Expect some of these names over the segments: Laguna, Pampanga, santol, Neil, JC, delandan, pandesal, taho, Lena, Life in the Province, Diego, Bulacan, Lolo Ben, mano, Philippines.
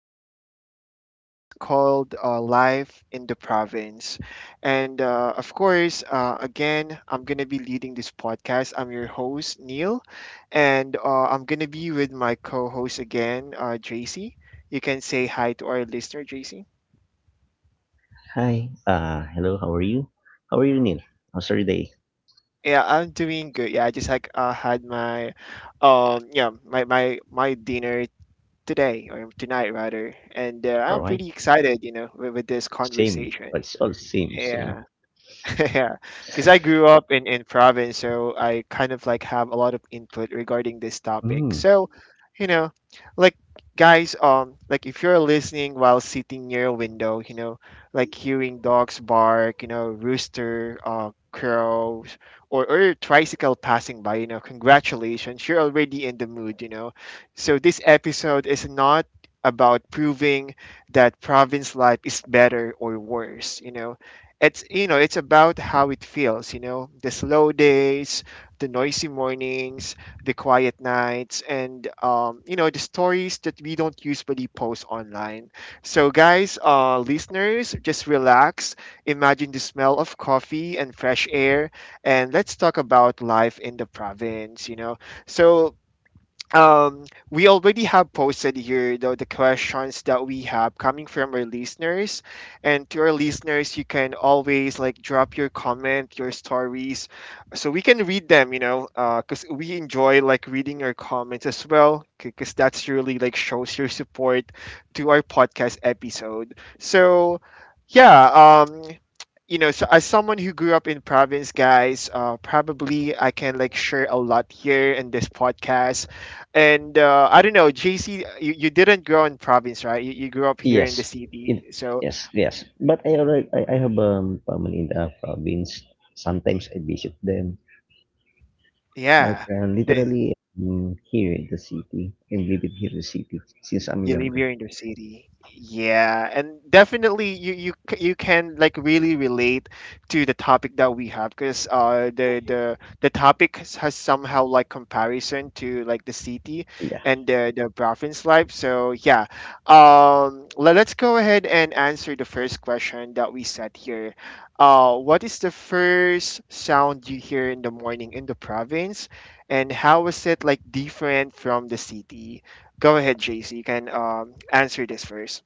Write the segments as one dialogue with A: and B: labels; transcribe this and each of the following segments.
A: Today's episode is called Life in the Province. And of course, again, I'm going to be leading this podcast. I'm your host, Neil, and I'm going to be with my co host again, JC. You can say hi to our listener, JC.
B: Hi. Hello. How are you? How are you, Neil? How's your day?
A: Yeah, I'm doing good. Yeah, I just like had my, yeah, my dinner today or tonight rather, and
B: All
A: I'm
B: right.
A: pretty excited, you know, with this
B: Same. But
A: conversation.
B: it's all same. Same.
A: Yeah. Yeah, because I grew up in province, so I kind of like have a lot of input regarding this
B: Mm.
A: topic. So, you know, like guys, like if you're listening while sitting near a window, you know, like hearing dogs bark, you know, rooster, crows, or your tricycle passing by, you know, congratulations, you're already in the mood, you know. So this episode is not about proving that province life is better or worse, you know, it's, you know, it's about how it feels, you know, the slow days, the noisy mornings, the quiet nights, and you know, the stories that we don't usually post online. So guys, listeners, just relax, imagine the smell of coffee and fresh air, and let's talk about life in the province, you know. So um we already have posted here the questions that we have coming from our listeners, and to our listeners, you can always like drop your comment, your stories, so we can read them, you know, because we enjoy like reading your comments as well, because that's really like shows your support to our podcast episode. So yeah. You know, so as someone who grew up in province, guys, probably I can like share a lot here in this podcast. And I don't know, JC, you didn't grow in province, right? You grew up here
B: Yes.
A: in the
B: It,
A: city. So
B: yes. Yes. But I already. I have family in the province. Sometimes I visit them. But
A: yeah, the,
B: literally, here in the city. I'm living here in the city since I'm
A: you live
B: younger.
A: here in the city. Yeah, and definitely you can like really relate to the topic that we have, because the topic has somehow like comparison to like the city
B: Yeah.
A: and the province life. So yeah, let us go ahead and answer the first question that we set here. What is the first sound you hear in the morning in the province, and how is it like different from the city? Go ahead, JC. You can answer this first.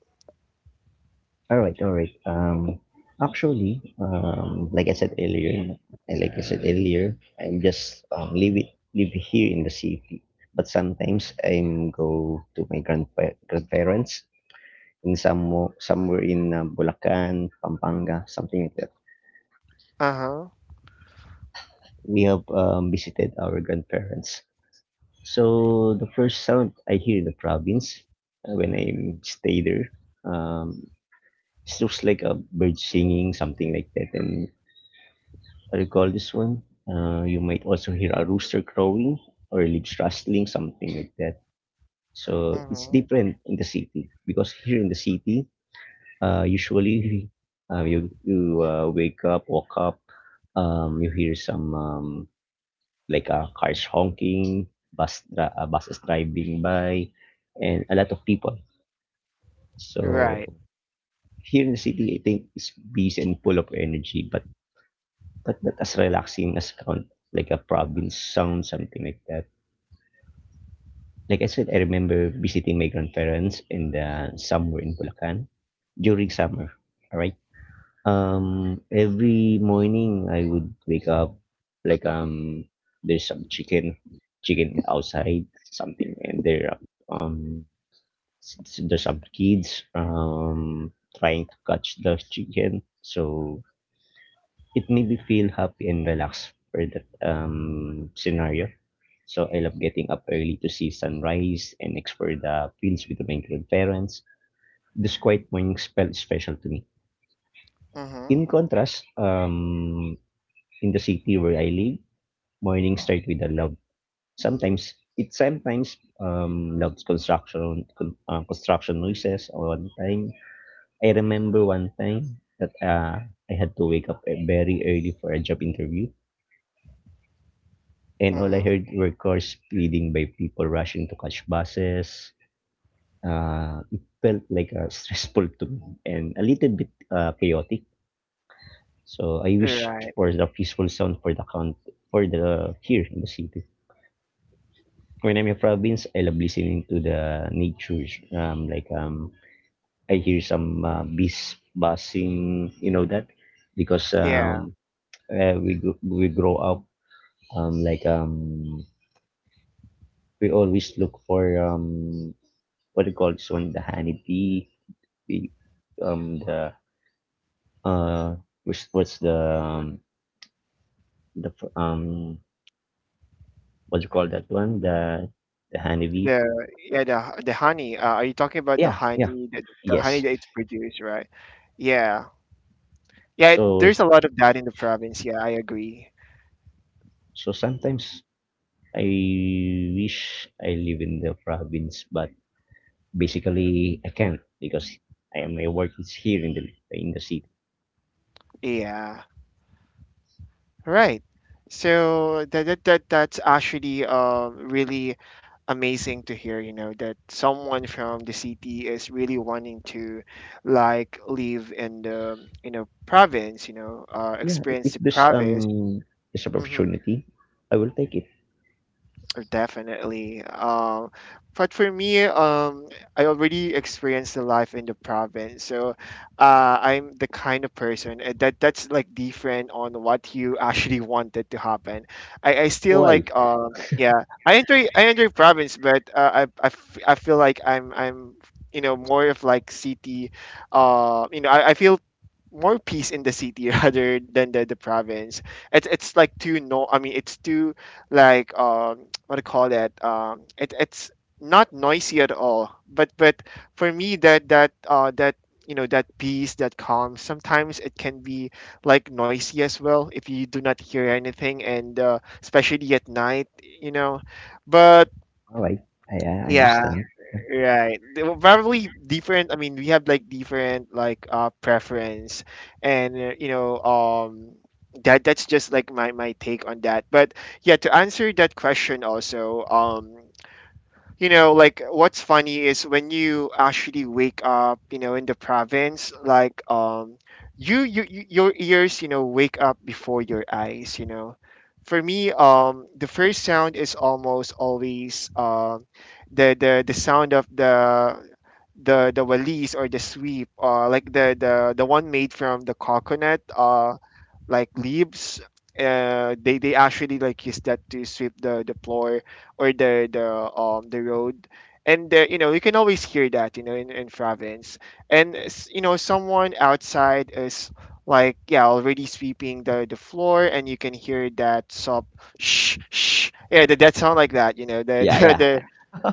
B: All right, all right. Actually, like I said earlier, I'm just live here in the city. But sometimes I'm go to my grandparents in some somewhere in Bulacan, Pampanga, something like that.
A: Uh-huh.
B: We have visited our grandparents. So the first sound I hear in the province when I stay there, um, it's just like a bird singing, something like that, and recall this one. You might also hear a rooster crowing or leaves rustling, something like that. So it's
A: Mm-hmm.
B: different in the city because here in the city, usually you wake up, walk up, you hear some like cars honking, buses driving by, and a lot of people.
A: Right.
B: So here in the city, I think it's busy and full of energy, but not as relaxing as count like a province sound, something like that. Like I said, I remember visiting my grandparents in the somewhere in Bulacan during summer. All right. Every morning I would wake up like um there's some chicken, chicken outside something, and um there's some kids trying to catch the chicken. So it made me feel happy and relaxed for that scenario. So I love getting up early to see sunrise and explore the fields with my grandparents. This quiet morning spell is special to me.
A: Mm-hmm.
B: In contrast, in the city where I live, mornings start with a love. Sometimes loves construction noises. One time I remember one time that I had to wake up very early for a job interview. And all I
A: Mm-hmm.
B: heard were cars speeding by, people rushing to catch buses. It felt like stressful to me and a little bit chaotic. So I wish
A: Right.
B: for the peaceful sound for the here in the city. When I'm in province, I love listening to the nature. Um, like um, I hear some bees buzzing. You know that because
A: Yeah.
B: we grow up um like um we always look for what do you call this one? The honey bee, bee the uh, which what's the f- what do you call that one? The honey bee.
A: The, yeah, the honey. Are you talking about the
B: Yeah, yeah,
A: honey, the honey
B: yes.
A: that it's produced, right? Yeah. Yeah, it,
B: So
A: there's a lot of that in the province. Yeah, I agree.
B: so sometimes I wish I live in the province, but basically I can't because I my work is here in the city.
A: Yeah. Right. So that's actually really amazing to hear, you know, that someone from the city is really wanting to like live in the in a province, you know,
B: Yeah, if
A: experience
B: if
A: the
B: there's
A: province.
B: this
A: Mm-hmm.
B: opportunity, I will take it.
A: Definitely. But for me, I already experienced the life in the province, so I'm the kind of person that's like different on what you actually wanted to happen. I still
B: Why?
A: like yeah, I enjoy province, but I feel like I'm you know more of like city. You know, I feel more peace in the city rather than the province. It's like too no. I mean, it's too like what do you call that? It, it's not noisy at all. But for me, that you know that peace, that calm sometimes it can be like noisy as well if you do not hear anything, and especially at night, you know. But
B: All right, I
A: yeah.
B: understand. Yeah,
A: Right. They were probably different. I mean, we have like different like preference, and you know, that that's just like my take on that. But yeah, to answer that question also, you know, like what's funny is when you actually wake up, you know, in the province, like your ears, you know, wake up before your eyes, you know. For me, the first sound is almost always the sound of the walis, or the sweep, like the one made from the coconut, uh, like leaves. They actually like use that to sweep the floor or the road, and you know, you can always hear that, you know, in province, and s- you know, someone outside is like, yeah, already sweeping the floor, and you can hear that sob, shh, shh, yeah, that that sound like that, you know, the
B: yeah,
A: the
B: yeah.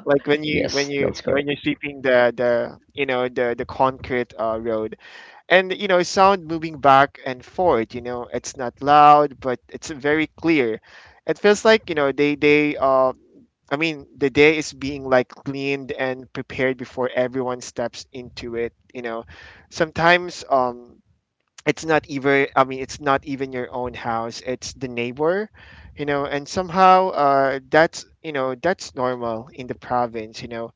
A: like when you when
B: Yes,
A: you
B: that's correct.
A: when you're sweeping the, you know, the concrete road, and you know, sound moving back and forth, you know, it's not loud, but it's very clear. It feels like, you know, they uh, I mean, the day is being like cleaned and prepared before everyone steps into it, you know. Sometimes it's not even, I mean, it's not even your own house, it's the neighbor, you know, and somehow uh, that's, you know, that's normal in the province, you know,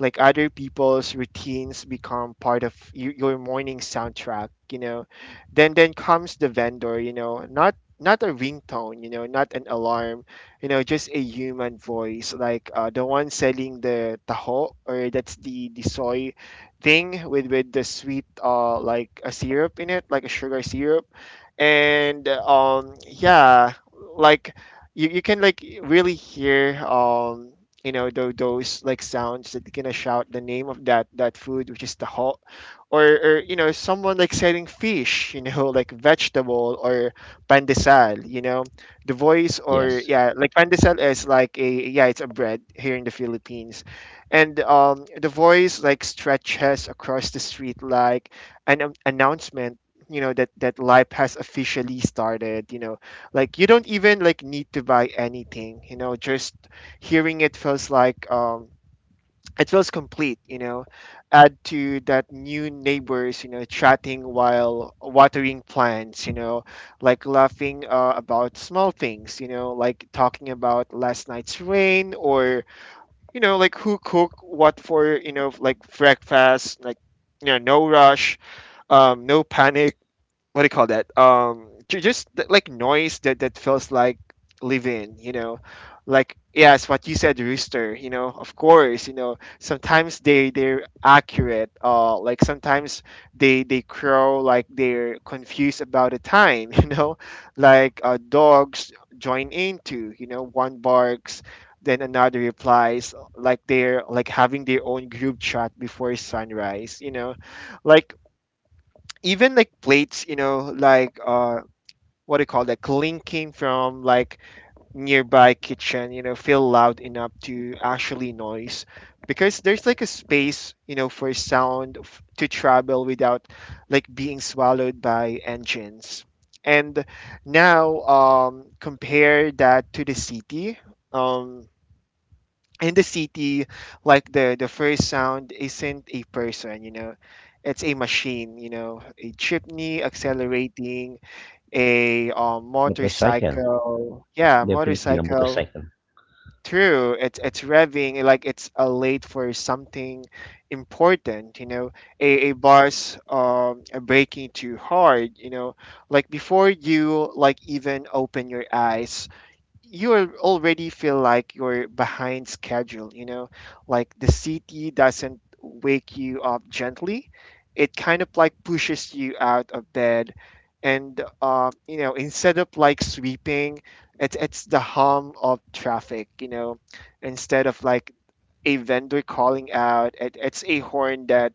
A: like other people's routines become part of you, your morning soundtrack, you know. Then comes the vendor, you know, not a ringtone, you know, not an alarm, you know, just a human voice, like the one selling the taho, or that's the soy thing with the sweet uh, like a syrup in it, like a sugar syrup. And um, yeah, like you can like really hear um, you know, those like sounds that gonna shout the name of that that food, which is the hot, or you know, someone like selling fish, you know, like vegetable or pandesal, you know, the voice. Or
B: Yes,
A: yeah, like pandesal is like a, yeah, it's a bread here in the Philippines. And the voice like stretches across the street like an announcement, you know, that that life has officially started, you know, like you don't even like need to buy anything, you know, just hearing it feels like um, it feels complete, you know. Add to that new neighbors, you know, chatting while watering plants, you know, like laughing about small things, you know, like talking about last night's rain, or you know, like who cook what for, you know, like breakfast, like you know, no rush, no panic. What do you call that? Ju- just th- like noise that that feels like living, you know, like yes, what you said, rooster. You know, of course, you know, sometimes they they're accurate. Like sometimes they crow like they're confused about the time. You know, like dogs join into. You know, one barks. Then another replies like they're like having their own group chat before sunrise, you know, like even like plates, you know, like what do you call that, clinking from like nearby kitchen, you know, feel loud enough to actually noise, because there's like a space, you know, for sound f- to travel without like being swallowed by engines. And now, compare that to the city. Um, in the city, like the first sound isn't a person, you know, it's a machine, you know, a chimney accelerating, a
B: motorcycle.
A: motorcycle,
B: Yeah,
A: yeah,
B: definitely the
A: motorcycle,
B: motorcycle.
A: true, it's revving like it's a late for something important, you know, a bus breaking too hard, you know, like before you like even open your eyes, you al- already feel like you're behind schedule, you know, like the CT doesn't wake you up gently. It kind of like pushes you out of bed. And instead of like sweeping, it's the hum of traffic, instead of like a vendor calling out, it's a horn that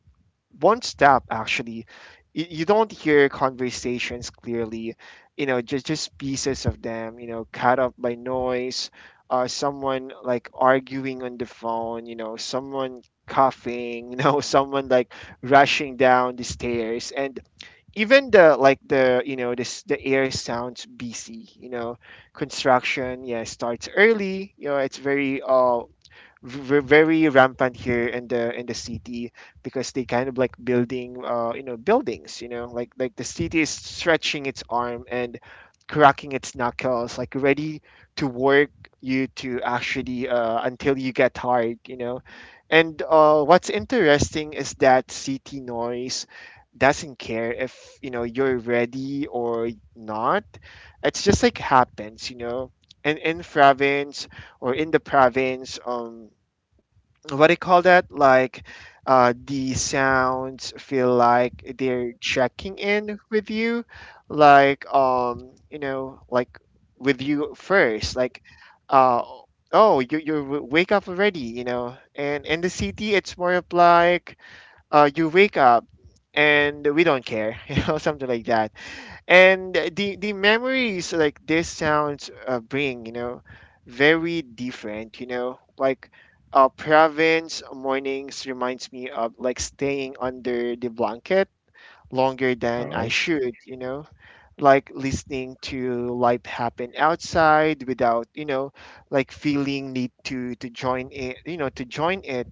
A: one step actually. You don't hear conversations clearly, just pieces of them, cut off by noise. Someone like arguing on the phone, someone coughing, someone like rushing down the stairs. And even the like the this the air sounds busy. Construction, yeah, starts early. It's very very rampant here in the city, because they kind of like building buildings, like the city is stretching its arm and cracking its knuckles, like ready to work. You to actually until you get tired. And what's interesting is that city noise doesn't care if you're ready or not. It's just like happens. And in province, or in the province, what do you call that? Like, the sounds feel like they're checking in with you, like like with you first, like, uh, oh, you wake up already, And in the city, it's more of like, you wake up and we don't care, something like that. And the memories like this sounds, bring, you know, very different, like, province mornings reminds me of like staying under the blanket longer
B: All
A: than I
B: right.
A: should. Like listening to life happen outside without, like feeling need to join it, to join it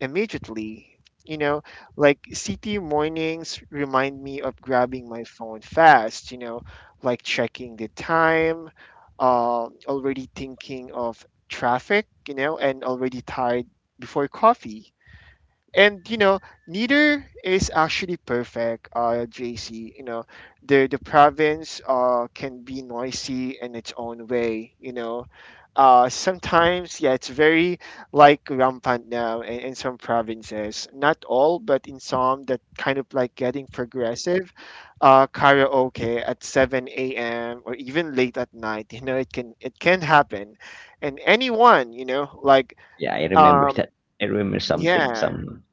A: immediately you know like city mornings remind me of grabbing my phone fast, like checking the time, already thinking of traffic, and already tired before coffee. And neither is actually perfect, JC, The province can be noisy in its own way. Sometimes, yeah, it's very like rampant now in some provinces, not all but in some that kind of like getting progressive. Karaoke at 7 a.m, or even late at night, it can happen, and anyone, like,
B: Yeah, I remember
A: um
B: that. I remember something.
A: yeah.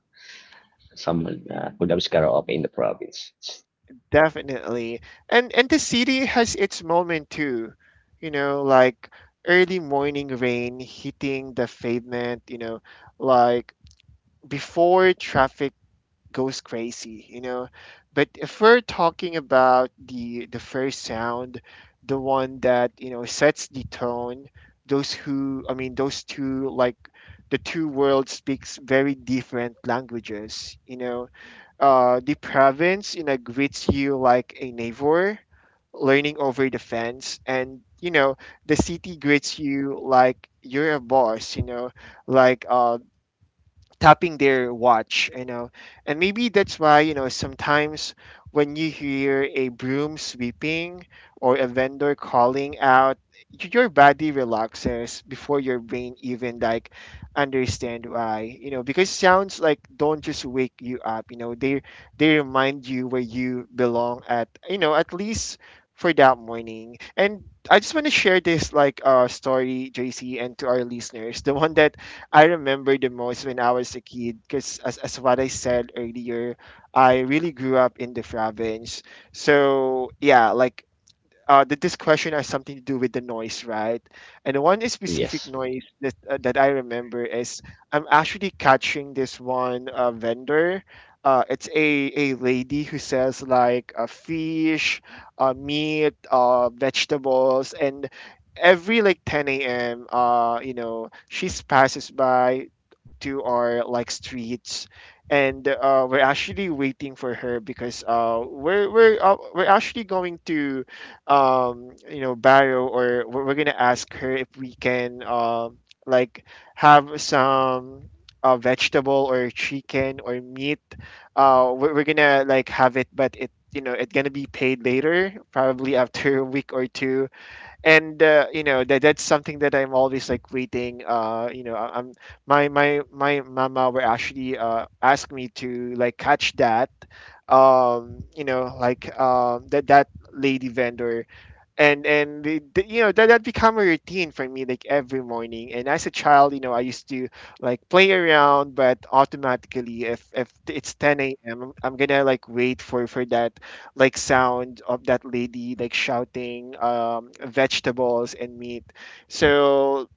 B: Someone Kudab's karaoke in the province.
A: Definitely. And the city has its moment too. You know, like early morning rain hitting the pavement, like before traffic goes crazy, But if we're talking about the first sound, the one that, sets the tone, those who I mean those two, like the two worlds speaks very different languages, The province, greets you like a neighbor, leaning over the fence, and, the city greets you like you're a boss. Like tapping their watch, And maybe that's why, sometimes when you hear a broom sweeping or a vendor calling out, your body relaxes before your brain even like understand why, because sounds like don't just wake you up, they remind you where you belong at, at least for that morning. And I just want to share this like story, JC, and to our listeners. The one that I remember the most when I was a kid because, as what I said earlier, I really grew up in the province. So, yeah, like that this question has something to do with the noise, right? And the one specific
B: Yes,
A: noise that that I remember is I'm actually catching this one vendor. It's a lady who sells like fish, meat, vegetables, and every like 10 a.m. She passes by to our like streets, and we're actually waiting for her because we're actually going to, Barrow, or we're gonna ask her if we can, like have some, vegetable or chicken or meat. We're gonna like have it but it, it's gonna be paid later, probably after a week or two. And that that's something that I'm always like waiting, I, I'm my mama were actually asked me to like catch that. Like, that that lady vendor. And that that become a routine for me like every morning, and as a child, I used to like play around, but automatically if it's 10 a.m am I'm gonna like wait for that like sound of that lady like shouting, vegetables and meat. So,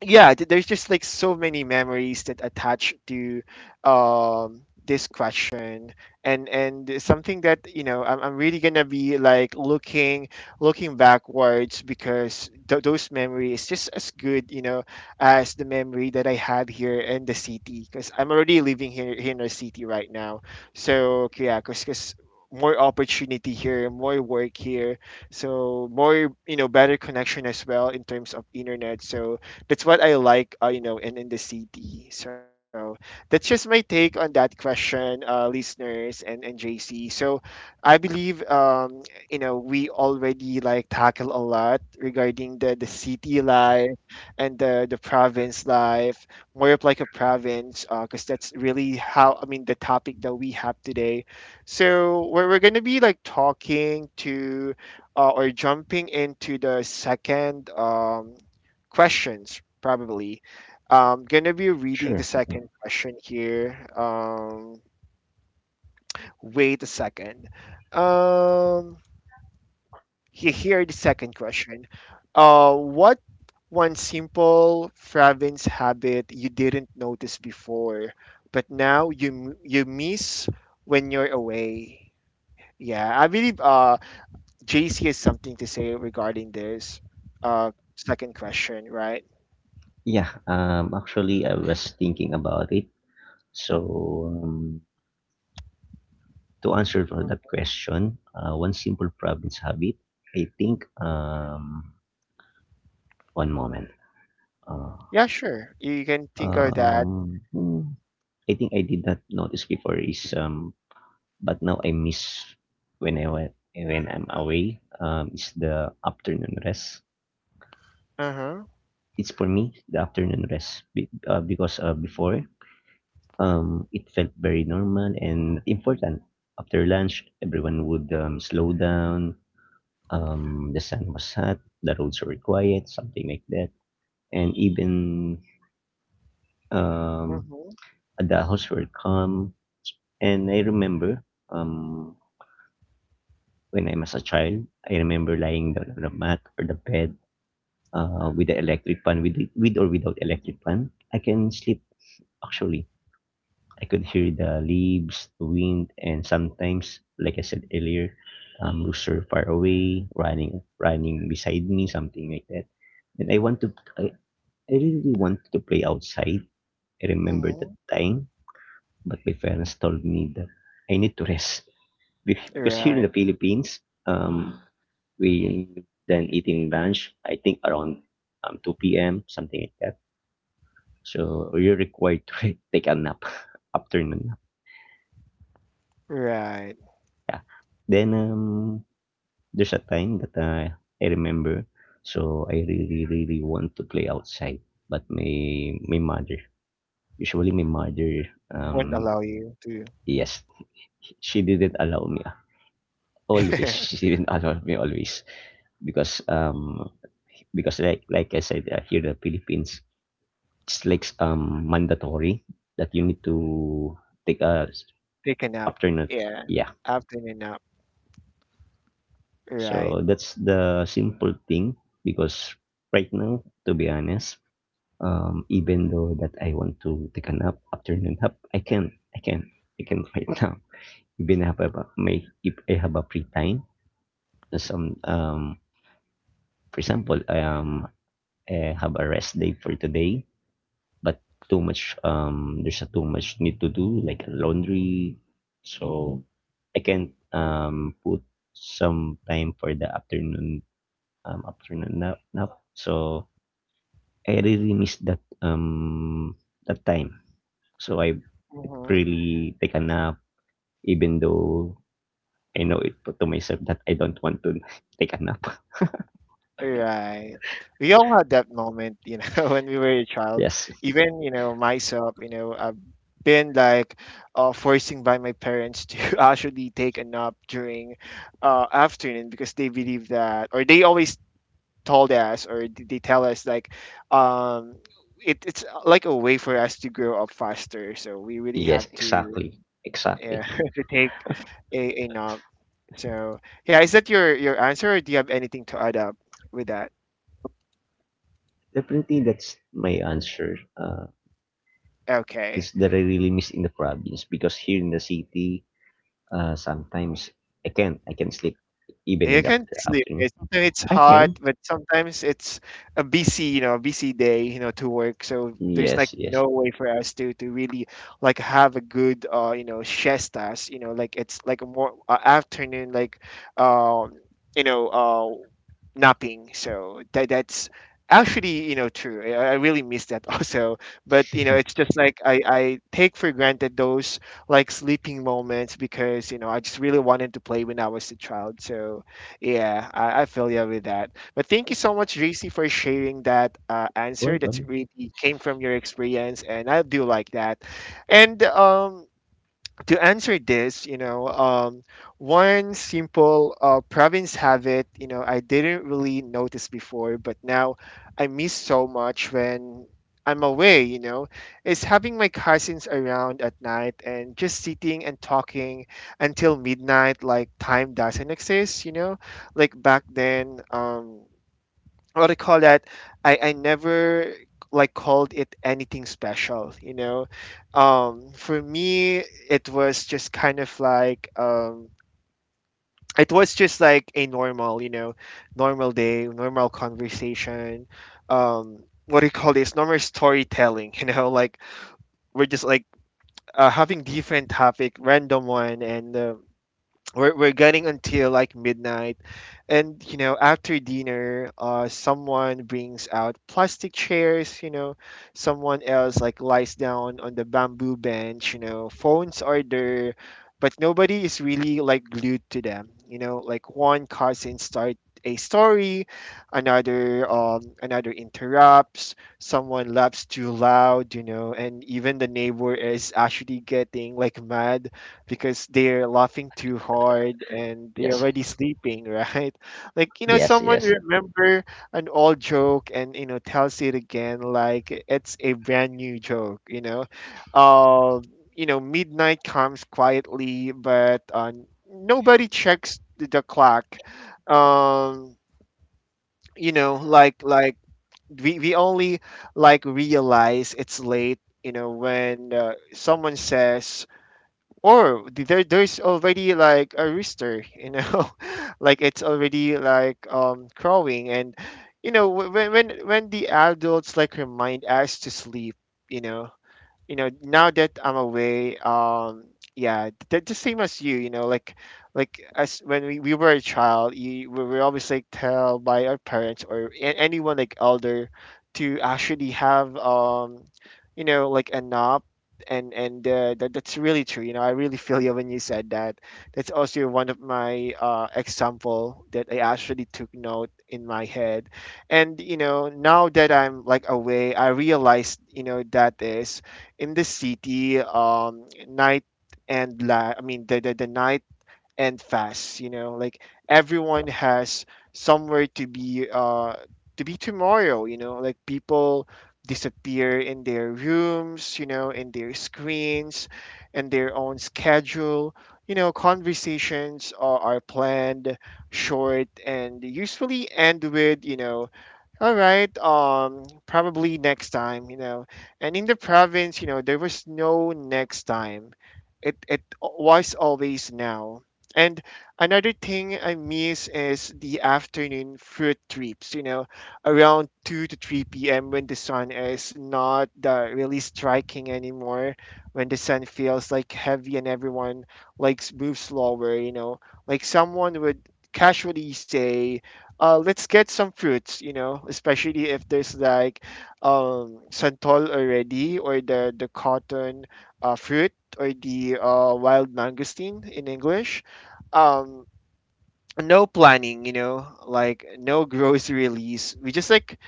A: yeah, there's just like so many memories that attach to, this question. And something that, I'm really gonna be like looking backwards because those memories just as good, as the memory that I had here in the city, because I'm already living here in the city right now, so yeah. Because more opportunity here, more work here, so more, better connection as well in terms of internet. So that's what I like, in the city. So that's just my take on that question, listeners, and JC. So I believe, we already like tackle a lot regarding the city life, and the province life, more of like a province, because that's really how I mean the topic that we have today. So we're gonna be like talking to, or jumping into the second, questions probably. I'm gonna be reading the
B: sure.
A: second question here. Wait a second. Um, Here the second question. What one simple province habit you didn't notice before, but now you miss when you're away? Yeah, I believe JC has something to say regarding this uh second question, right?
B: Yeah, actually, I was thinking about it. So, to answer for that question, one simple province habit, I think, one moment. Uh,
A: Yeah, sure. You can think of that.
B: um, hmm, I think I did not notice before is but now I miss when I'm away is the afternoon rest.
A: Uh-huh.
B: It's for me the afternoon rest be, because before it felt very normal and important. After lunch, everyone would slow down. The sun was hot, the roads were quiet, something like that, and even um,
A: Mhm.
B: the house were calm. And I remember um, when I was a child, I remember lying down on the mat or the bed with the electric fan, with or without electric fan, I can sleep actually. I could hear the leaves, the wind, and sometimes, like I said earlier, rooster far away, running beside me, something like that. And I really want to play outside. I remember that
A: Mhm.
B: time, but my parents told me that I need to rest. Because here in
A: Right.
B: the Philippines, um, we then eating lunch. I think around 2 p.m. something like that. So, you're required to take a nap, afternoon nap,
A: Right.
B: yeah. Then, there's a time that, I remember, so I really, really want to play outside, but my mother, usually my mother,
A: Won't allow you to
B: yes, she didn't allow me, ah, always, she didn't allow me always because, um, because like I said, here in the Philippines, it's like, mandatory that you need to take a
A: take a nap.
B: afternoon
A: Yeah.
B: yeah.
A: Afternoon nap. Right.
B: So that's the simple thing because right now, to be honest, even though that I want to take a nap, afternoon nap, I can right now. Even if I have a, may, if I have a free time, some for example, I have a rest day for today, but too much there's a too much need to do like laundry, so I can put some time for the afternoon up to now. So I really miss that that time. So I
A: Mhm.
B: really take a nap, even though I know it to myself that I don't want to take a nap.
A: Right. We all had that moment, when we were a child.
B: Yes,
A: Even, myself, I've been like, forcing by my parents to actually take a nap during, afternoon, because they believe that, or they always told us or they tell us like, um it's, like a way for us to grow up faster, so we really have
B: yes,
A: to,
B: exactly,
A: uh
B: exactly.
A: to take a knob. So yeah, is that your answer or do you have anything to add up with that?
B: Definitely, that's my answer. Is
A: Okay.
B: that I really miss in the province because here in the city, sometimes I can sleep even in
A: You
B: the
A: can't sleep.
B: afternoon.
A: Yeah, sometimes it's
B: I
A: hot,
B: can.
A: but sometimes it's a busy, busy day, to work. So there's like
B: Yes, yes.
A: no way for us to really like have a good, siestas. Like it's like a more afternoon, like, um, you know, uh, napping. So that's actually, true. I really miss that also. But, it's just like I take for granted those like sleeping moments because I just really wanted to play when I was a child. So yeah, I feel you with that. But thank you
B: Yeah.
A: so much, JC, for sharing that answer. That's
B: Welcome.
A: really came from your experience, and I do like that. And to answer this, one simple province habit, I didn't really notice before, but now I miss so much when I'm away, is having my cousins around at night and just sitting and talking until midnight, like time doesn't exist, like back then. What I call that, I never like called it anything special, For me, it was just kind of like, it was just like a normal, normal day, normal conversation. What do you call this? Normal storytelling, like we're just like, having different topic, random one, and, we're getting until like midnight. And, after dinner, someone brings out plastic chairs, someone else like lies down on the bamboo bench, phones are there but nobody is really like glued to them, like one cousin start a story, another interrupts, someone laughs too loud, and even the neighbor is actually getting like mad because they're laughing too hard and they're
B: Yes.
A: already sleeping, right? Like,
B: Yes,
A: someone
B: yes.
A: remember an old joke and, tells it again like it's a brand new joke, Uh, midnight comes quietly, but, nobody checks the clock. Um, like we only like realize it's late, when someone says, or there's already like a rooster, like it's already like crowing, and when the adults like remind us to sleep. you know Now that I'm away, yeah, the same as you, you know like as when we were a child. We were always like tell by our parents, or anyone like elder, to actually have like a nap. And that's really true. I really feel you when you said that. That's also one of my example that I actually took note in my head. And, now that I'm like away, I realized, that is, in the city, night. And I mean, the night, and fast, like everyone has somewhere to be, to be tomorrow, like people disappear in their rooms, in their screens, and their own schedule. Conversations are planned short, and usually end with, you know, all right. Probably next time. And in the province, there was no next time. It was always now. And another thing I miss is the afternoon food trips, around 2 to 3 p.m. when the sun is not really striking anymore, when the sun feels like heavy and everyone likes moves slower, like someone would casually say, let's get some fruits, especially if there's like santol already, or the cotton fruit, or the wild mangosteen in English. Um, no planning, like no grocery release. We just like,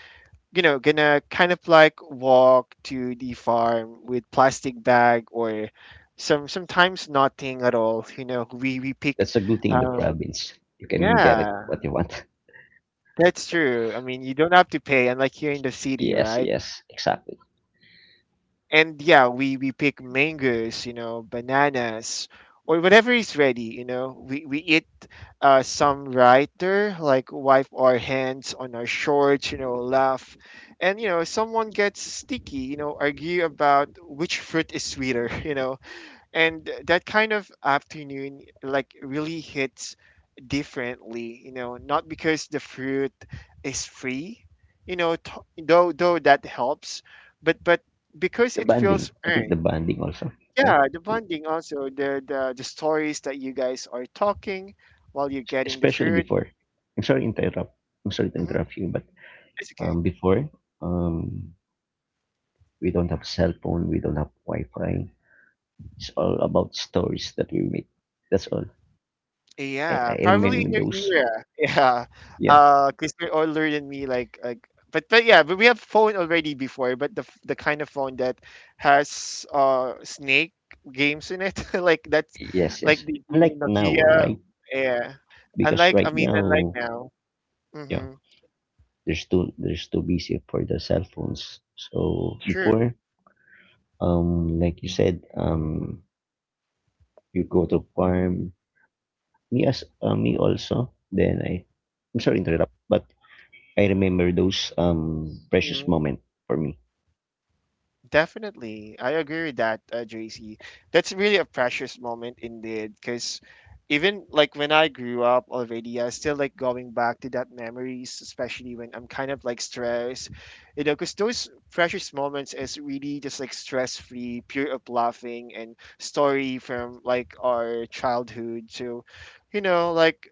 A: gonna kind of like walk to the farm with plastic bag, or sometimes nothing at all. We pick,
B: That's a good thing in the
A: uh,
B: province. You can get
A: yeah.
B: it what you want.
A: That's true. I mean, you don't have to pay, unlike here in the city,
B: Yes,
A: right?
B: yes, exactly.
A: And yeah, we pick mangoes, bananas, or whatever is ready. We eat, some writer, like wipe our hands on our shorts, laugh, and, someone gets sticky, argue about which fruit is sweeter. And that kind of afternoon like really hits differently, you know, not because the fruit is free, you know t- though that helps, but because
B: The
A: it
B: banding.
A: feels
B: I think
A: earned.
B: the banding also, right?
A: Yeah, the
B: Yeah.
A: bonding also, the stories that you guys are talking while you're
B: Es-
A: getting the
B: Especially
A: fruit.
B: before. I'm sorry to interrupt. I'm sorry to
A: Hmm.
B: interrupt you, but
A: It's okay.
B: before, um, we don't have cell phone. We don't have Wi-Fi. It's all about stories that we make. That's all. I,
A: Yeah,
B: I
A: probably
B: remember
A: in your
B: those.
A: era. Yeah,
B: Yeah.
A: because you're older than me. Like, but yeah, but we have phone already before. But the kind of phone that has snake games in it. Like that's
B: Yes,
A: like
B: yes.
A: the
B: Unlike now,
A: Nokia.
B: right?
A: Yeah,
B: Because
A: unlike, I
B: right
A: mean, unlike
B: now,
A: now.
B: yeah.
A: Mm-hmm.
B: There's too busy for the cell phones. So
A: True.
B: before, like you said, you go to farm. Me as me also. I'm sorry to interrupt, but I remember those precious moment for me.
A: Definitely. I agree with that, JC. That's really a precious moment indeed, because even like when I grew up already, I still like going back to that memories, especially when I'm kind of like stressed, because those precious moments is really just like stress free, pure of laughing and story from like our childhood. So, like,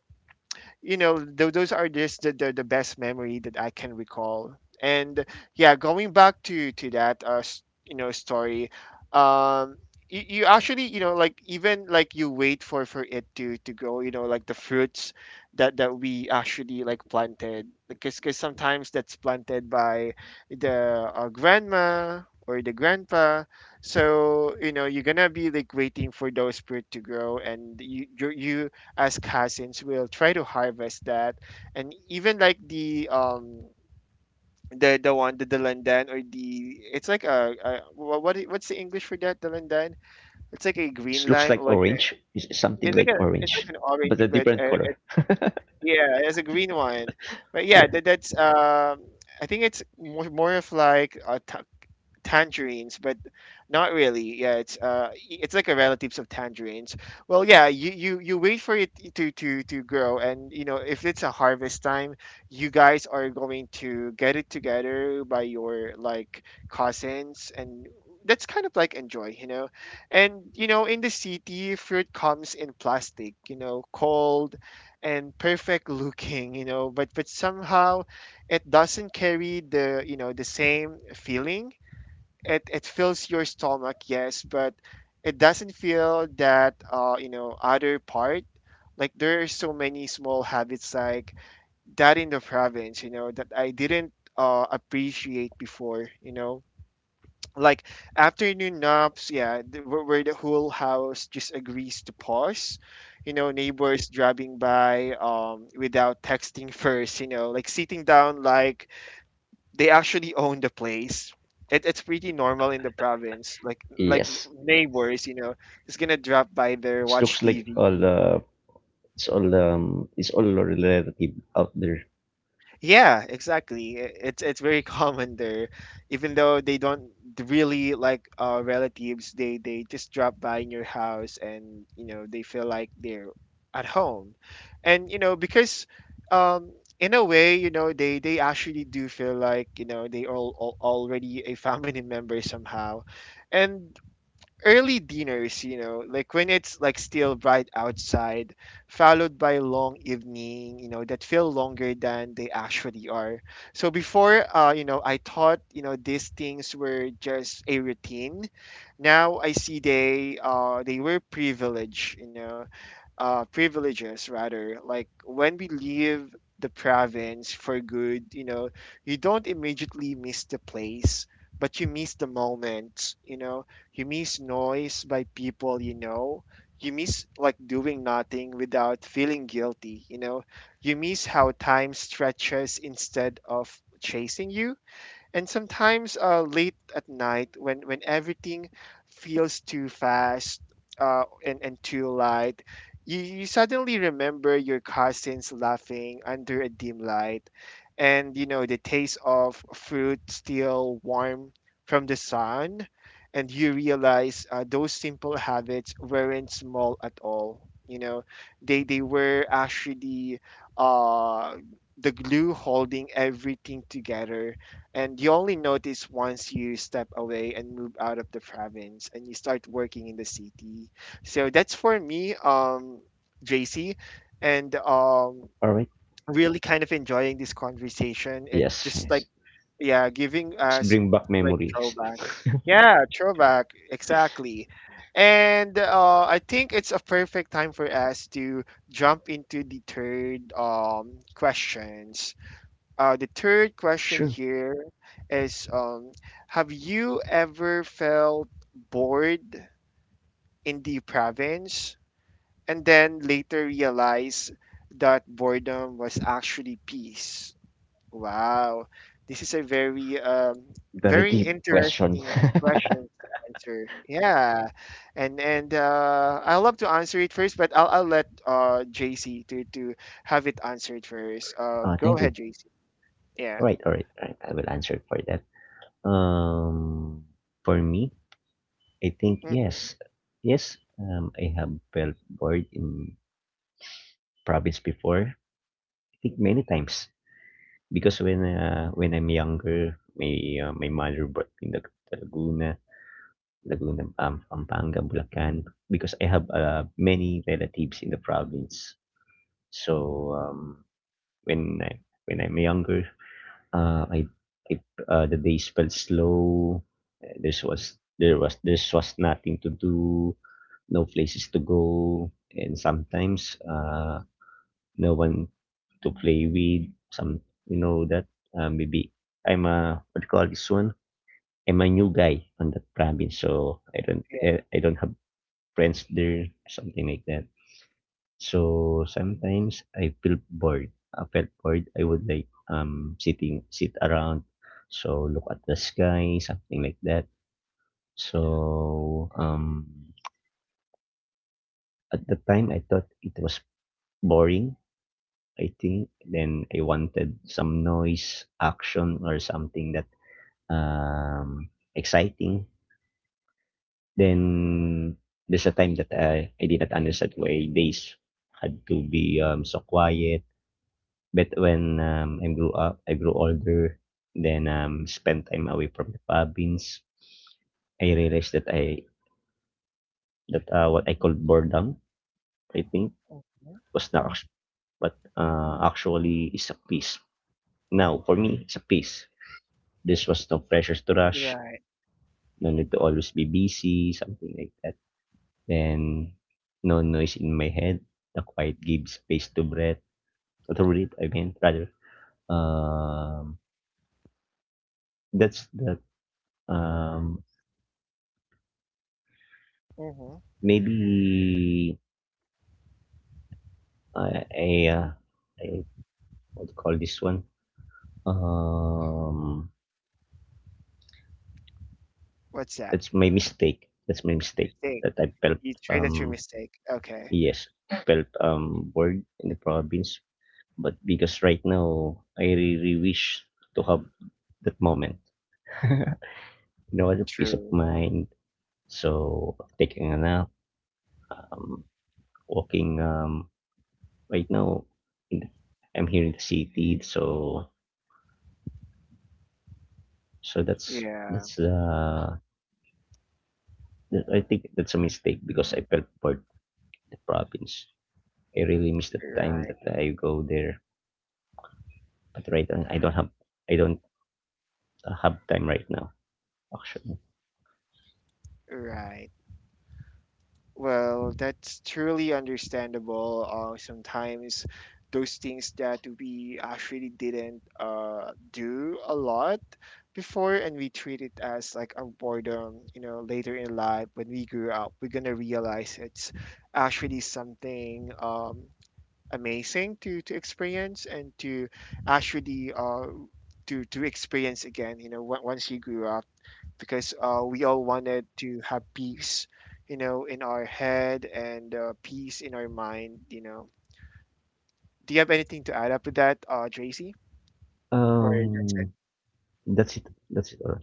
A: those are just the best memory that I can recall. And yeah, going back to that, story. um you actually, like, even like you wait for it to go, like the fruits that we actually like planted, because cause sometimes that's planted by the grandma, or the grandpa. So, you're gonna be like waiting for those fruit to grow, and you as cousins will try to harvest that. And even like the the one, the delandan, or the, it's like a, what's the English for that, delandan? It's like a
B: It
A: green
B: looks
A: lime,
B: like
A: like a,
B: orange. It's something like
A: it's
B: orange,
A: like an orange,
B: but a
A: but
B: different color.
A: yeah, it's a green one. But yeah,
B: Yeah.
A: that's I think it's more of like a tangerines, but not really. Yeah, it's like a relatives of tangerines. Well, yeah, you wait for it to grow, and, if it's a harvest time, you guys are going to get it together by your like cousins, and. That's kind of like enjoy, and, you know, in the city, fruit comes in plastic, cold and perfect looking, but somehow it doesn't carry the, you know, the same feeling. It fills your stomach, yes, but it doesn't feel that, other part. Like there are so many small habits like that in the province, that I didn't appreciate before. Like afternoon naps, yeah, where the whole house just agrees to pause, neighbors driving by, without texting first, like sitting down like they actually own the place. It's pretty normal in the province. Like
B: Yes.
A: neighbors, just gonna drop by there,
B: It looks
A: watch
B: like
A: TV.
B: all it's all it's all relative out there.
A: Yeah, exactly. It's very common there, even though they don't really like relatives. They just drop by in your house, and, you know, they feel like they're at home, and, you know, because. Um, in a way, they actually do feel like, they all already a family member somehow. And early dinners, like when it's like still bright outside, followed by long evening, that feel longer than they actually are. So before, I thought, these things were just a routine. Now I see they were privilege, privileges rather. Like when we leave the province for good, you don't immediately miss the place, but you miss the moment, you miss noise by people you know. You miss like doing nothing without feeling guilty, you know. You miss how time stretches instead of chasing you, and sometimes, late at night, when everything feels too fast, and too light, you suddenly remember your cousins laughing under a dim light, and, the taste of fruit still warm from the sun. And you realize, those simple habits weren't small at all you know they were actually uh the glue holding everything together. And you only notice once you step away and move out of the province and you start working in the city. So that's for me, JC, and
B: All right.
A: really kind of enjoying this conversation. It
B: Yes.
A: just like,
B: Yes.
A: yeah, giving
B: It's
A: us
B: bring back
A: like
B: memories.
A: throwback. Yeah, throwback, exactly. And I think it's a perfect time for us to jump into the third question. The third question
B: sure.
A: here is, have you ever felt bored in the province, and then later realized that boredom was actually peace? Wow, this is a very,
B: Very
A: very
B: deep question.
A: interesting question to answer. Yeah, and I love to answer it first, but I'll let, JC, to have it answered first. Go
B: Thank you.
A: ahead, JC. Yeah.
B: All right, all right, all right. I will answer for that. Um, for me, I think
A: Hmm.
B: yes, yes. I have felt bored in province before. I think many times because when I'm younger, my my mother brought me to Laguna, Laguna, Pampanga, Bulacan. Because I have many relatives in the province, so when I when I'm younger, I it the days felt slow. This was there was this was nothing to do, no places to go, and sometimes no one to play with. Some you know that maybe I'm a what do you call this one? I'm a new guy on that province, so I don't have friends there, something like that. So sometimes I feel bored. I felt bored. I would like sit around, so look at the sky, something like that. So at the time I thought it was boring. I think then I wanted some noise, action, or something that um exciting. Then there's a time that I did not understand why days had to be so quiet. But when I grew up, I grew older, then spent time away from the province. I realized that what I called boredom, I think, was not act- but actually is a peace. Now for me, it's a peace. This was no pressures to rush,
A: Right.
B: no need to always be busy, something like that. Then no noise in my head. The quiet gives space to to breathe. I mean, rather. Um, that's that. Um,
A: Mhm.
B: Maybe uh, a, uh, a what do you call this one? Um,
A: What's that?
B: that's my mistake. That's my mistake
A: Mistake.
B: that I felt
A: You trade at your
B: um
A: mistake. Okay.
B: yes felt bored in the province. But because right now I really wish to have that moment. You know, the peace of
A: True.
B: mind. So taking a nap, um, walking. Right now, in the, I'm here in the city, so
A: Yeah.
B: that's the that I think that's a mistake because I felt for the province. I really miss the time
A: Right.
B: that I go there. But right now, I don't have time right now. Actually,
A: Right. Well, that's truly understandable. Sometimes those things that we actually didn't do a lot before, and we treat it as like a boredom, later in life when we grew up, we're gonna realize it's actually something, amazing to experience, and to actually to experience again, once you grew up. Because, we all wanted to have peace, in our head, and, peace in our mind. Do you have anything to add up to that, Tracy, or that's it?
B: um, that's it. That's it. All.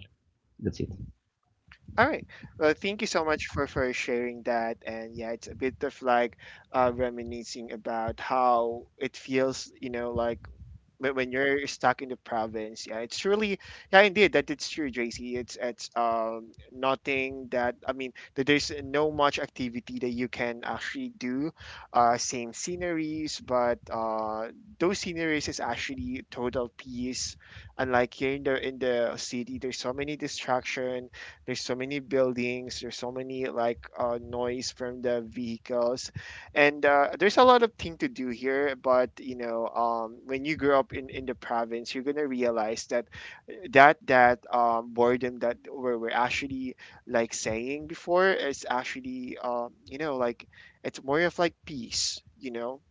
B: That's it.
A: All right, well, thank you so much for sharing that. And yeah, it's a bit of like, reminiscing about how it feels, like when you're stuck in the province. Yeah, it's really, yeah, indeed that it's true, JC. It's nothing that, I mean, that there's no much activity that you can actually do, same sceneries, but those sceneries is actually total peace. Unlike here in the city, there's so many distraction, there's so many buildings there's so many like noise from the vehicles. And there's a lot of thing to do here, but, when you grow up in the province, you're gonna realize that, that boredom that we're actually like saying before, is actually, like, it's more of like peace.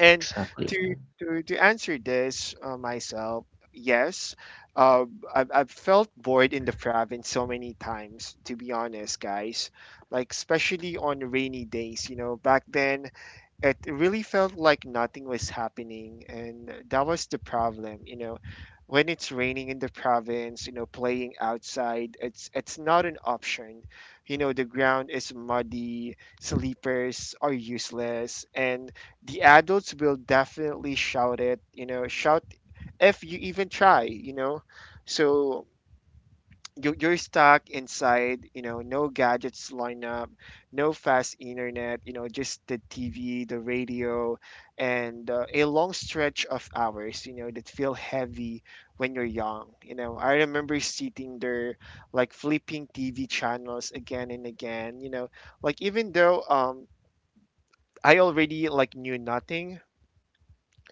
A: And
B: Exactly.
A: to answer this, myself. Yes, uh, I've felt bored in the province so many times, to be honest, guys. Like especially on rainy days, back then, it really felt like nothing was happening, and that was the problem. When it's raining in the province, playing outside, it's not an option. The ground is muddy, sleepers are useless, and the adults will definitely shout it, you know, shout if you even try. So you're stuck inside, no gadgets lineup, no fast internet, just the TV, the radio, and a long stretch of hours, that feel heavy when you're young. I remember sitting there like flipping TV channels again and again, like even though I already like knew nothing.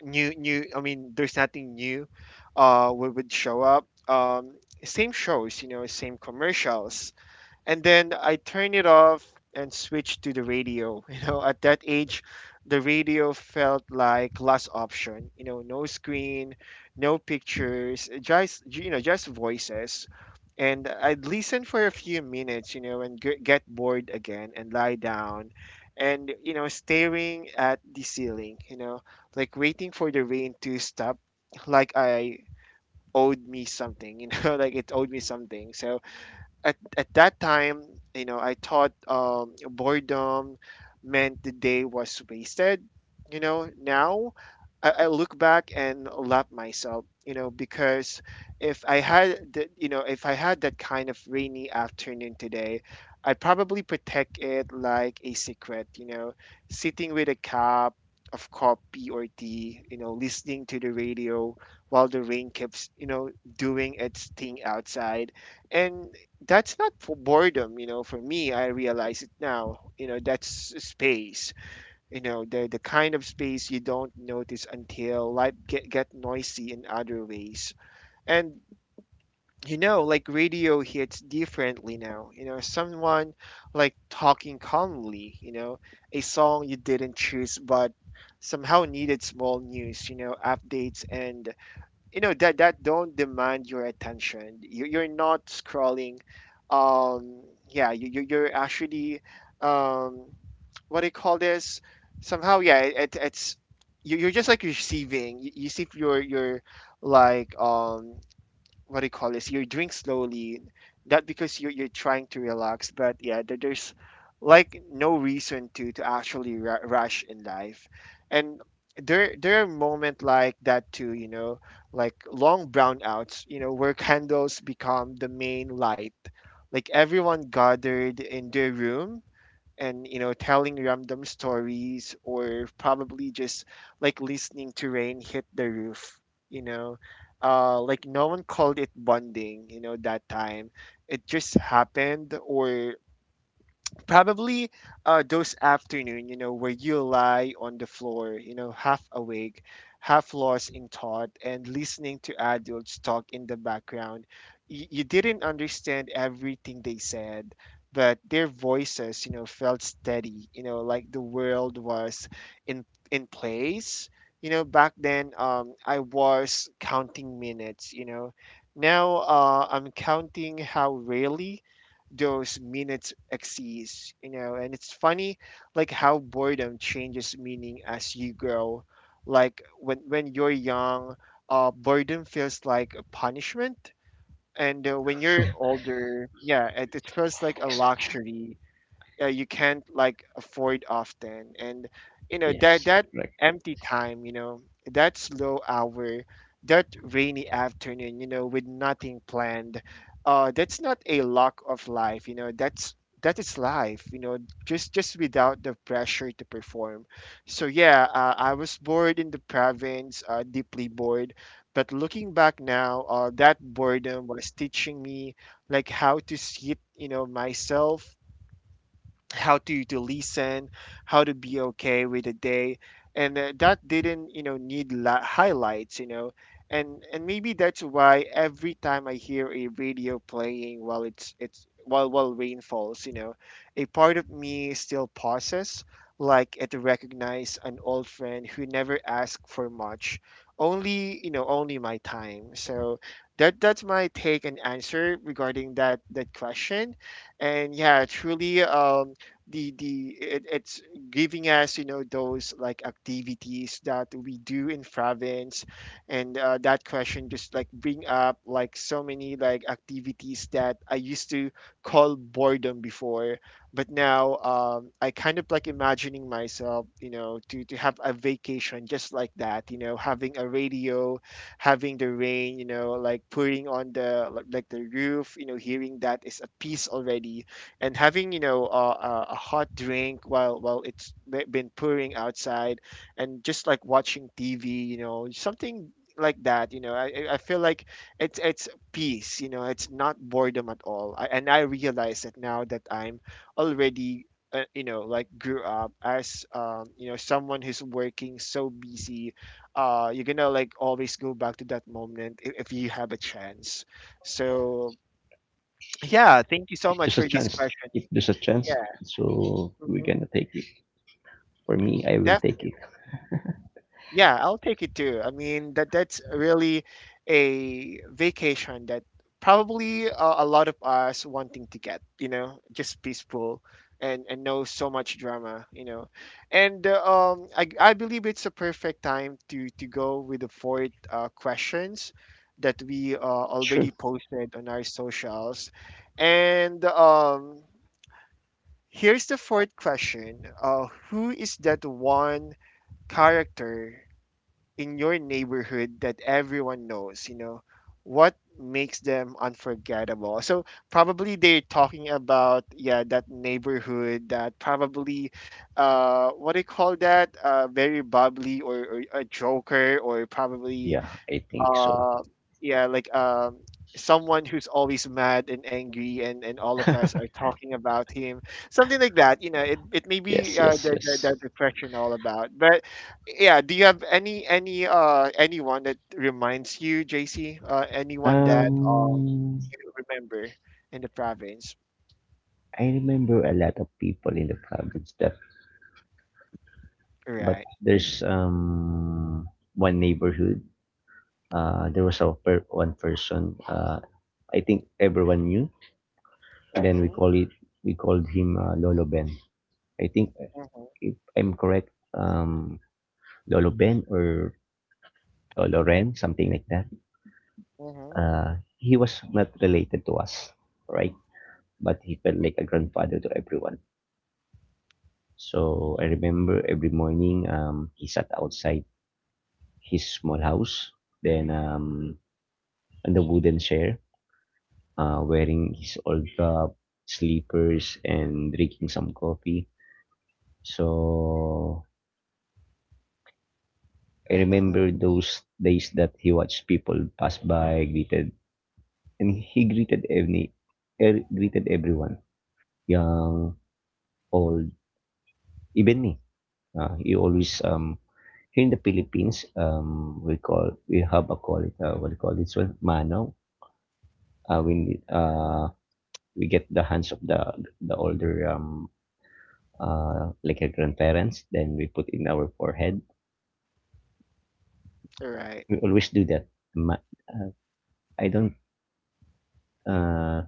A: New. I mean, there's nothing new would show up. Same shows, same commercials, and then I turn it off and switch to the radio. At that age, the radio felt like last option. No screen, no pictures, just voices. And I'd listen for a few minutes, and get bored again and lie down and staring at the ceiling, like waiting for the rain to stop, like I owed me something, like it owed me something. So at that time, I thought boredom meant the day was wasted. Now I look back and laugh myself. Because if I had, the, you know, if I had that kind of rainy afternoon today, I'd probably protect it like a secret. Sitting with a cup of coffee or tea. Listening to the radio while the rain keeps doing its thing outside, and that's not for boredom. For me, I realize it now. That's space. The kind of space you don't notice until life get noisy in other ways. And like radio hits differently now. Someone like talking calmly. A song you didn't choose, but somehow needed small news. Updates and that don't demand your attention. You're not scrolling. um yeah, you're actually, um what do you call this? Somehow, yeah, it's you, you're just like receiving. You see, if you're like um what do you call this? You drink slowly, not because you're trying to relax, but yeah, there's like no reason to actually rush in life, and there are moments like that too. Like long brownouts. Where candles become the main light. Like everyone gathered in their room, and telling random stories, or probably just like listening to rain hit the roof you know like no one called it bonding, that time it just happened. Or probably, those afternoon, where you lie on the floor, half awake, half lost in thought, and listening to adults talk in the background. You didn't understand everything they said, but their voices, felt steady, like the world was in in place. Back then, I was counting minutes. Now I'm counting how rarely those minutes exceeds, and it's funny, like how boredom changes meaning as you grow. Like when you're young, boredom feels like a punishment, and when you're older, yeah, it feels like a
B: Ex-
A: luxury, you can't like afford often. And that
B: Yes,
A: that
B: right.
A: empty time, that slow hour, that rainy afternoon, with nothing planned, that's not a lock of life, that is life, just without the pressure to perform. So yeah, I was bored in the province, deeply bored. But looking back now, that boredom was teaching me like how to sit, myself, how to listen, how to be okay with the day, and that didn't need highlights, and maybe that's why every time I hear a radio playing while it's while rain falls, a part of me still pauses, like it recognize an old friend who never asked for much, only you know only my time. So that's my take and answer regarding that question. And yeah, truly, the it's giving us, those like activities that we do in province. And that question just like bring up like so many like activities that I used to call boredom before. But now, I kind of like imagining myself, to have a vacation just like that, having a radio, having the rain, like putting on the like the roof, hearing that is a peace already. And having, a hot drink while been pouring outside, and just like watching TV, something like that, I feel like it's peace, it's not boredom at all. And I realize that now, that I'm already, like grew up as, someone who's working so busy. You're gonna like always go back to that moment if you have a chance. So yeah, thank you so
B: If
A: much
B: there's a
A: for this
B: chance,
A: question.
B: if there's a chance,
A: Yeah.
B: so we're
A: Mhm.
B: gonna take it. For me, I will take it.
A: Definitely. Yeah, I'll take it too. I mean, that's really a vacation that probably a lot of us wanting to get, just peaceful and no so much drama. And I believe it's a perfect time to go with the fourth, questions that we,
B: Sure.
A: already posted on our socials. And here's the fourth question. Who is that one character in your neighborhood that everyone knows, what makes them unforgettable? So probably they're talking about, yeah, that neighborhood that probably, what do you call that, very bubbly, or a joker, or probably,
B: Yeah, I think so.
A: uh yeah, like, someone who's always mad and angry, and all of us are talking about him, something like that, it may be,
B: Yes, yes,
A: the,
B: yes.
A: the, the depression all about. But yeah, do you have any anyone that reminds you, JC, anyone that,
B: Um,
A: you remember in the province?
B: I remember a lot of people in the province that but
A: Right.
B: there's um one neighborhood there was a one person I think everyone knew, and then
A: mm-hmm,
B: we called him Lolo Ben, I think,
A: mm-hmm,
B: if I'm correct. um Lolo Ben or Lolo Ren, something like that.
A: mm-hmm,
B: He was not related to us, right, but he felt like a grandfather to everyone. So I remember every morning he sat outside his small house, then on the wooden chair, wearing his old cup, sleepers and drinking some coffee. So I
A: mm-hmm.
B: remember those days that he watched people pass by, greeted, and he greeted everyone, young, old, even me. He always here in the Philippines, we call we have a call it what do you call this one, mano, when we get the hands of the older, like our grandparents, then we put in our forehead.
A: Right.
B: We always do that. Ma- uh, I don't uh,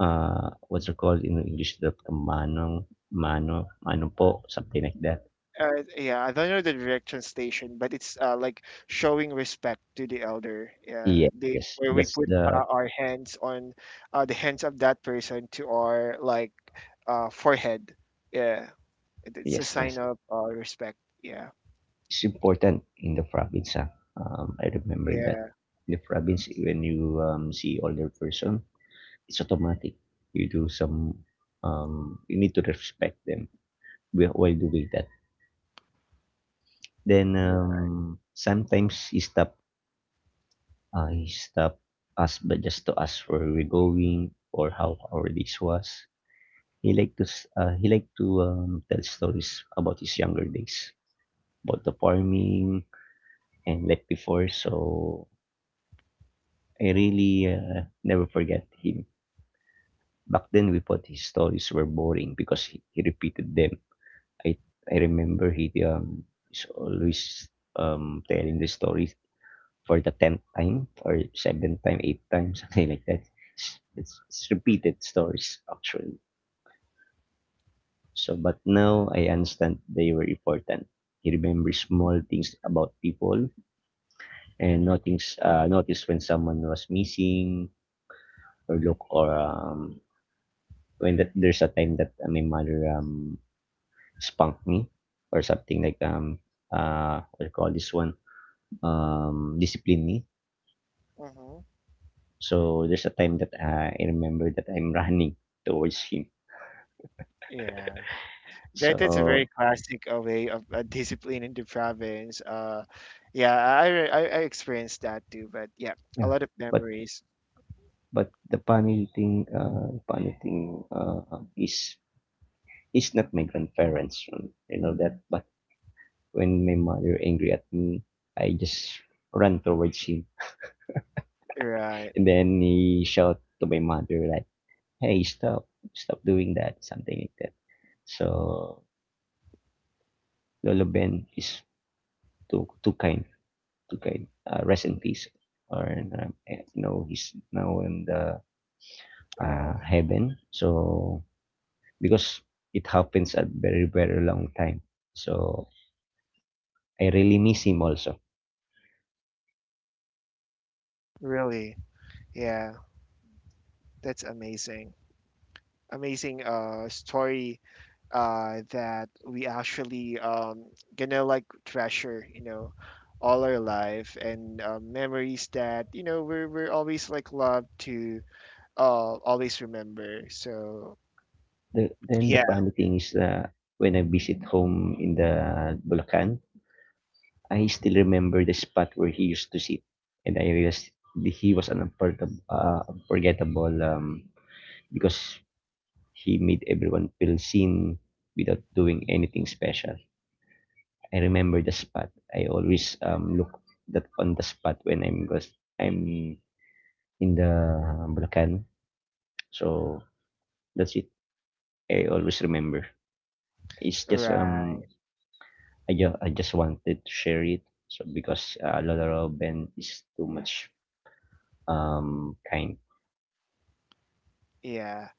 B: what's it called in English? The manong, mano mano po, something like that.
A: Yeah, I don't know the direct translation, but it's, like showing respect to the elder. Yeah,
B: Yes,
A: they
B: yes,
A: where we
B: that's
A: put,
B: the
A: our hands on, the hands of that person to our, like, forehead. Yeah, it's a
B: yes, yes.
A: sign of, respect. Yeah.
B: It's important in the province. Ah. I remember that
A: Yeah.
B: in the province, when you see older person, it's automatic. You do some. You need to respect them while doing that. Then sometimes he stop us, but just to ask where we're going or how our days was. He like to tell stories about his younger days, about the farming and like before. So I really, never forget him. Back then, we thought his stories were boring because he repeated them. I I remember he is always telling the stories for the 10th time or 7th time, 8th time, something like that. It's, it's repeated stories, actually. So, but now I understand they were important. He remembers small things about people and notice when someone was missing or look or when that there's a time that my mother, spanked me or something like what do you call this one, discipline me.
A: Hmm.
B: So there's a time that, I remember that I'm running towards him.
A: Yeah. That's a
B: So,
A: very classic, way of, discipline in the province. Yeah, I, re- I experienced that too, but yeah, a
B: yeah,
A: lot of
B: but
A: memories.
B: but the funny thing, is it's not my grandparents, you know that. But when my mother angry at me, I just run towards him,
A: Right.
B: and then he shout to my mother like, "Hey, stop, stop doing that," something like that. So Lolo Ben is too kind, too kind. Rest in peace. Or you know he's now in the,
A: Oh,
B: heaven. So because it happens at very very long time. So I really miss him also.
A: really? Yeah. That's amazing. Amazing, story, that we actually, gonna like treasure, all our life, and, memories that, we're always like love to, always remember. So
B: Then the
A: yeah,
B: funny thing is that when I visit home in the Bulacan, I still remember the spot where he used to sit, and I realized that he was an unforgettable, because he made everyone feel seen without doing anything special. I remember the spot. I always look that on the spot when I'm in the Bulacan. So that's it. I always remember. It's just
A: right.
B: I just I just wanted to share it. So because Lola Ben is too much kind.
A: Yeah.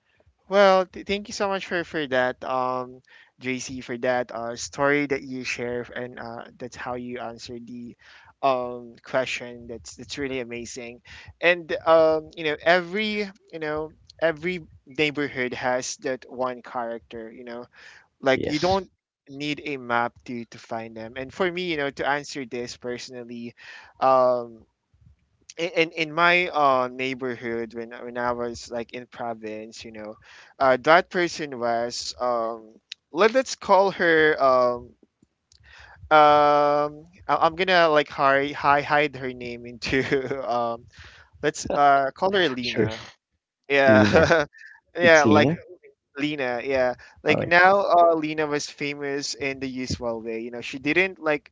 A: Well, thank you so much for that, JC, for that, story that you share, and, that's how you answer the, question. That's really amazing, and, every, you know every neighborhood has that one character. Like you
B: Yes.
A: don't need a map to find them. And for me, to answer this personally, um, in my, neighborhood when when I was like in province, that person was, let's call her, I'm gonna like hide, hi hide her name into um let's, call her
B: Sure.
A: Lena.
B: Lina.
A: Yeah. Yeah,
B: It's
A: like
B: Lina.
A: Lena, yeah.
B: All
A: Like
B: right.
A: now, Lena was famous in the usual way. She didn't like,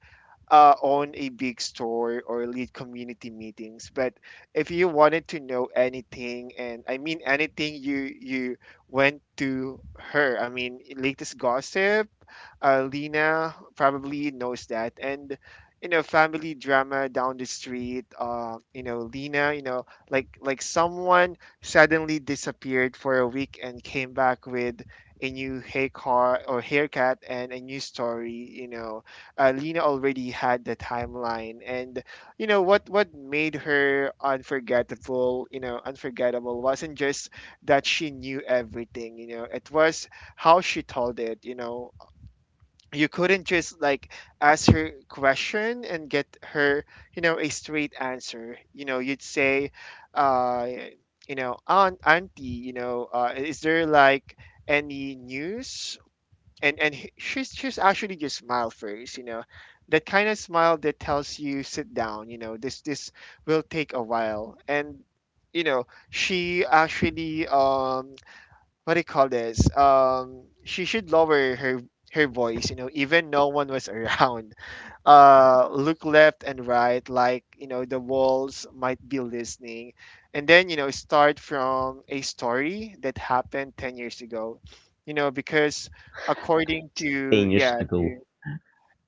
A: own a big store or lead community meetings. But if you wanted to know anything, and I mean anything, you went to her. I mean, latest gossip, Lena probably knows that. And, family drama down the street. Lena. Like someone suddenly disappeared for a week and came back with a new haircut or haircut and a new story. Lena already had the timeline, and what made her unforgettable. Unforgettable wasn't just that she knew everything. It was how she told it. You couldn't just like ask her question and get her, a straight answer. You'd say, uh auntie, is there like any news? She's actually just smile first. That kind of smile that tells you sit down, this will take a while. And you know she actually, what do you call this? She should lower her voice. Even no one was around. Look left and right, like the walls might be listening, and then start from a story that happened 10 years ago. Because according to,
B: 10 years
A: yeah,
B: ago.
A: to,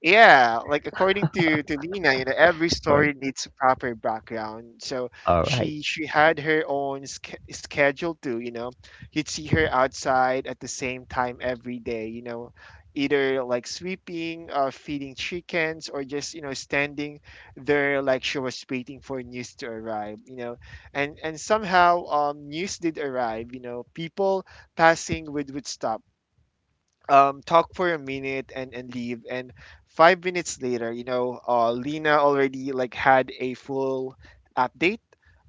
A: yeah, like according to Lena, every
B: All right.
A: story needs a proper background. So
B: All right.
A: she had her own schedule too, you know. You'd see her outside at the same time every day, either like sweeping, feeding chickens, or just, standing there like she was waiting for news to arrive. And somehow, news did arrive. People passing would stop, talk for a minute and leave. And five minutes later, Lena already had a full update.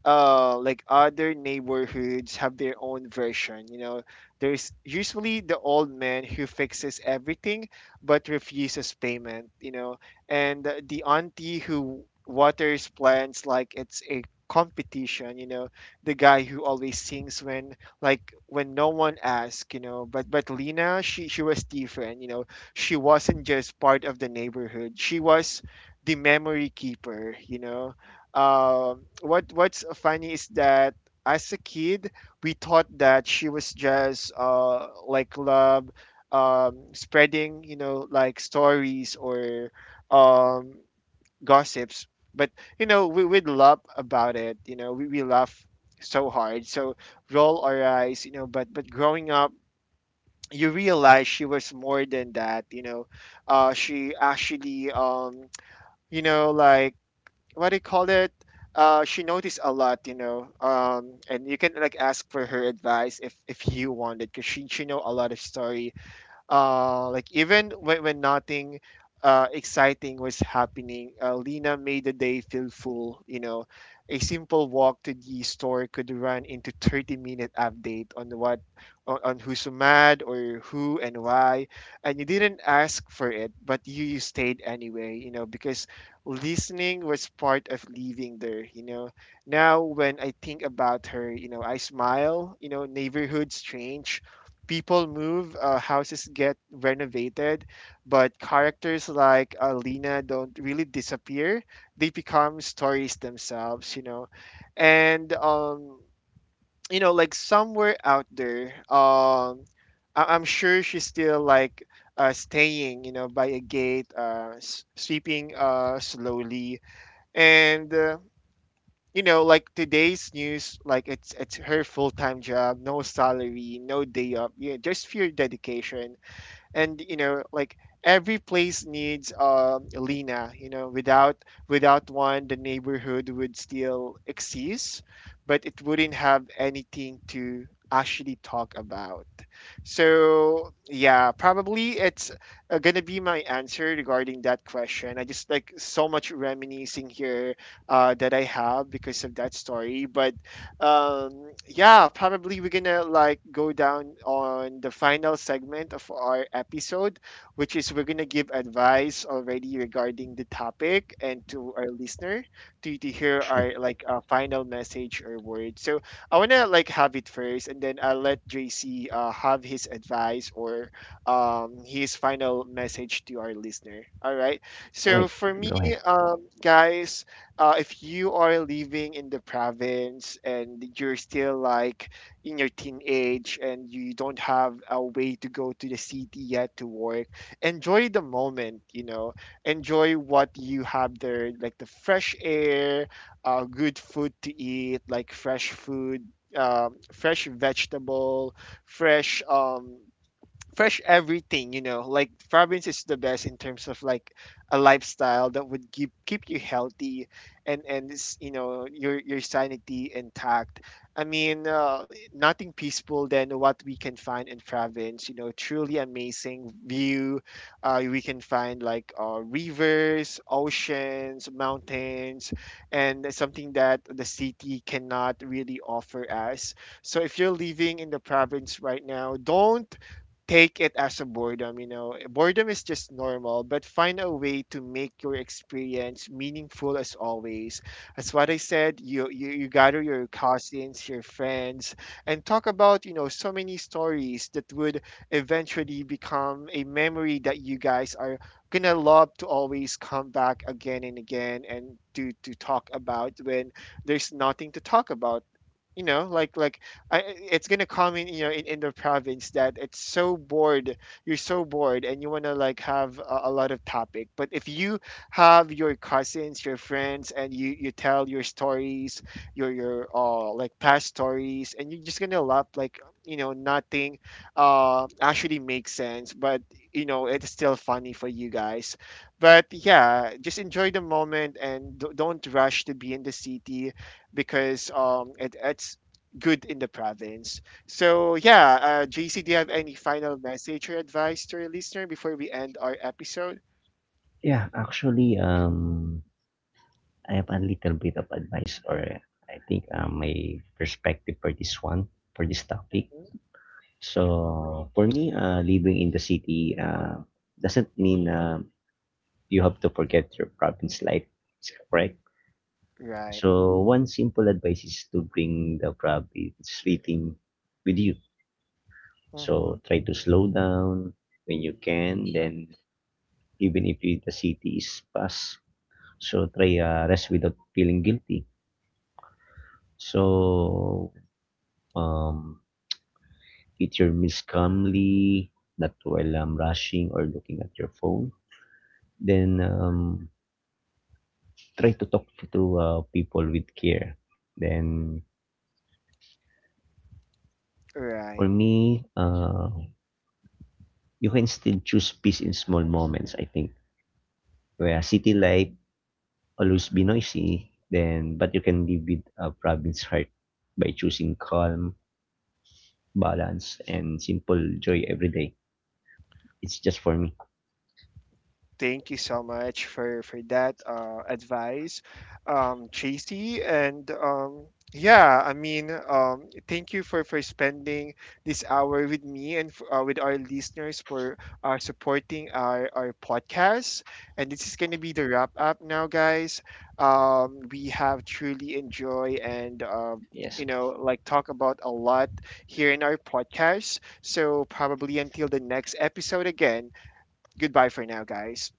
A: Like other neighborhoods have their own version. There's usually the old man who fixes everything but refuses payment. And the auntie who waters plants like it's a competition. The guy who always sings when when no one asked, But Lena, she was different, She wasn't just part of the neighborhood. She was the memory keeper, What's funny is that as a kid, we thought that she was just like love spreading, like stories or um gossips. But we'd laugh about it, we laugh so hard, so roll our eyes, but growing up you realize she was more than that, she actually you know like what do you call it she noticed a lot, and you can like ask for her advice if you wanted, because she know a lot of story. Like even when nothing exciting was happening, Lena made the day feel full. A simple walk to the store could run into 30-minute update on what on who's mad or who and why, and you didn't ask for it, but you stayed anyway. Because listening was part of living there. Now when I think about her, I smile. Neighborhood strange, people move, houses get renovated, but characters like Lena don't really disappear. They become stories themselves, And somewhere out there, I'm sure she's still staying, by a gate, sleeping slowly, and. Today's news, like it's her full time job, no salary, no day off, yeah, just pure dedication. And every place needs a Lena. Without one the neighborhood would still exist, but it wouldn't have anything to actually talk about. So yeah, probably it's gonna be my answer regarding that question. I just like so much reminiscing here that I have because of that story. But yeah, probably we're gonna like go down on the final segment of our episode, which is we're gonna give advice already regarding the topic, and to our listener to hear
B: Sure.
A: our like final message or word. So I wanna like have it first, and then I'll let JC have his advice or his final message to our listener. All right,
B: All
A: so
B: right.
A: for me,
B: Go ahead.
A: guys, if you are living in the province and you're still like in your teenage and you don't have a way to go to the city yet to work, enjoy the moment, enjoy what you have there, like the fresh air, good food to eat, like fresh food, fresh vegetable, fresh um fresh everything. Province is the best in terms of like a lifestyle that would keep you healthy, and it's, you know, your sanity intact. I mean, nothing peaceful than what we can find in province, you know, truly amazing view. We can find like rivers, oceans, mountains, and something that the city cannot really offer us. So if you're living in the province right now, don't take it as a boredom, you know. Boredom is just normal, but find a way to make your experience meaningful as always. That's what I said. You gather your cousins, your friends, and talk about, you know, so many stories that would eventually become a memory that you guys are gonna love to always come back again and again and to talk about when there's nothing to talk about, you know like like I, it's gonna come in, you know, in the province that it's so bored. You're so bored, and you wanna like have a lot of topic. But if you have your cousins, your friends, and you tell your stories, your like past stories, and you're just gonna laugh like you know nothing, actually makes sense. But you know it's still funny for you guys. But yeah, just enjoy the moment and don't rush to be in the city, because it's good in the province. So yeah, JC, do you have any final message or advice to your listener before we end our episode?
B: Yeah. I have a little bit of advice, or I think, my perspective for this one, for this topic.
A: Mm-hmm.
B: So for me, living in the city doesn't mean you have to forget your province life. It's correct.
A: Right.
B: So one simple advice is to bring the province rhythm with you.
A: Mm-hmm.
B: So try to slow down when you can. Then even if you, the city is fast, so try, rest without feeling guilty. So, um, eat your meals calmly, not while rushing or looking at your phone. Then try to talk to, people with care. Then for
A: Right.
B: me, you can still choose peace in small moments. I think where city life always be noisy, then but you can live with a province heart by choosing calm, balance, and simple joy every day. It's just for me.
A: Thank you so much for that advice, Tracy. And yeah, I mean, thank you for spending this hour with me and with our listeners for supporting our podcast. And this is gonna be the wrap up now, guys. We have truly enjoy and.
B: Yes.
A: Talk about a lot here in our podcast. So, probably until the next episode again, goodbye for now, guys.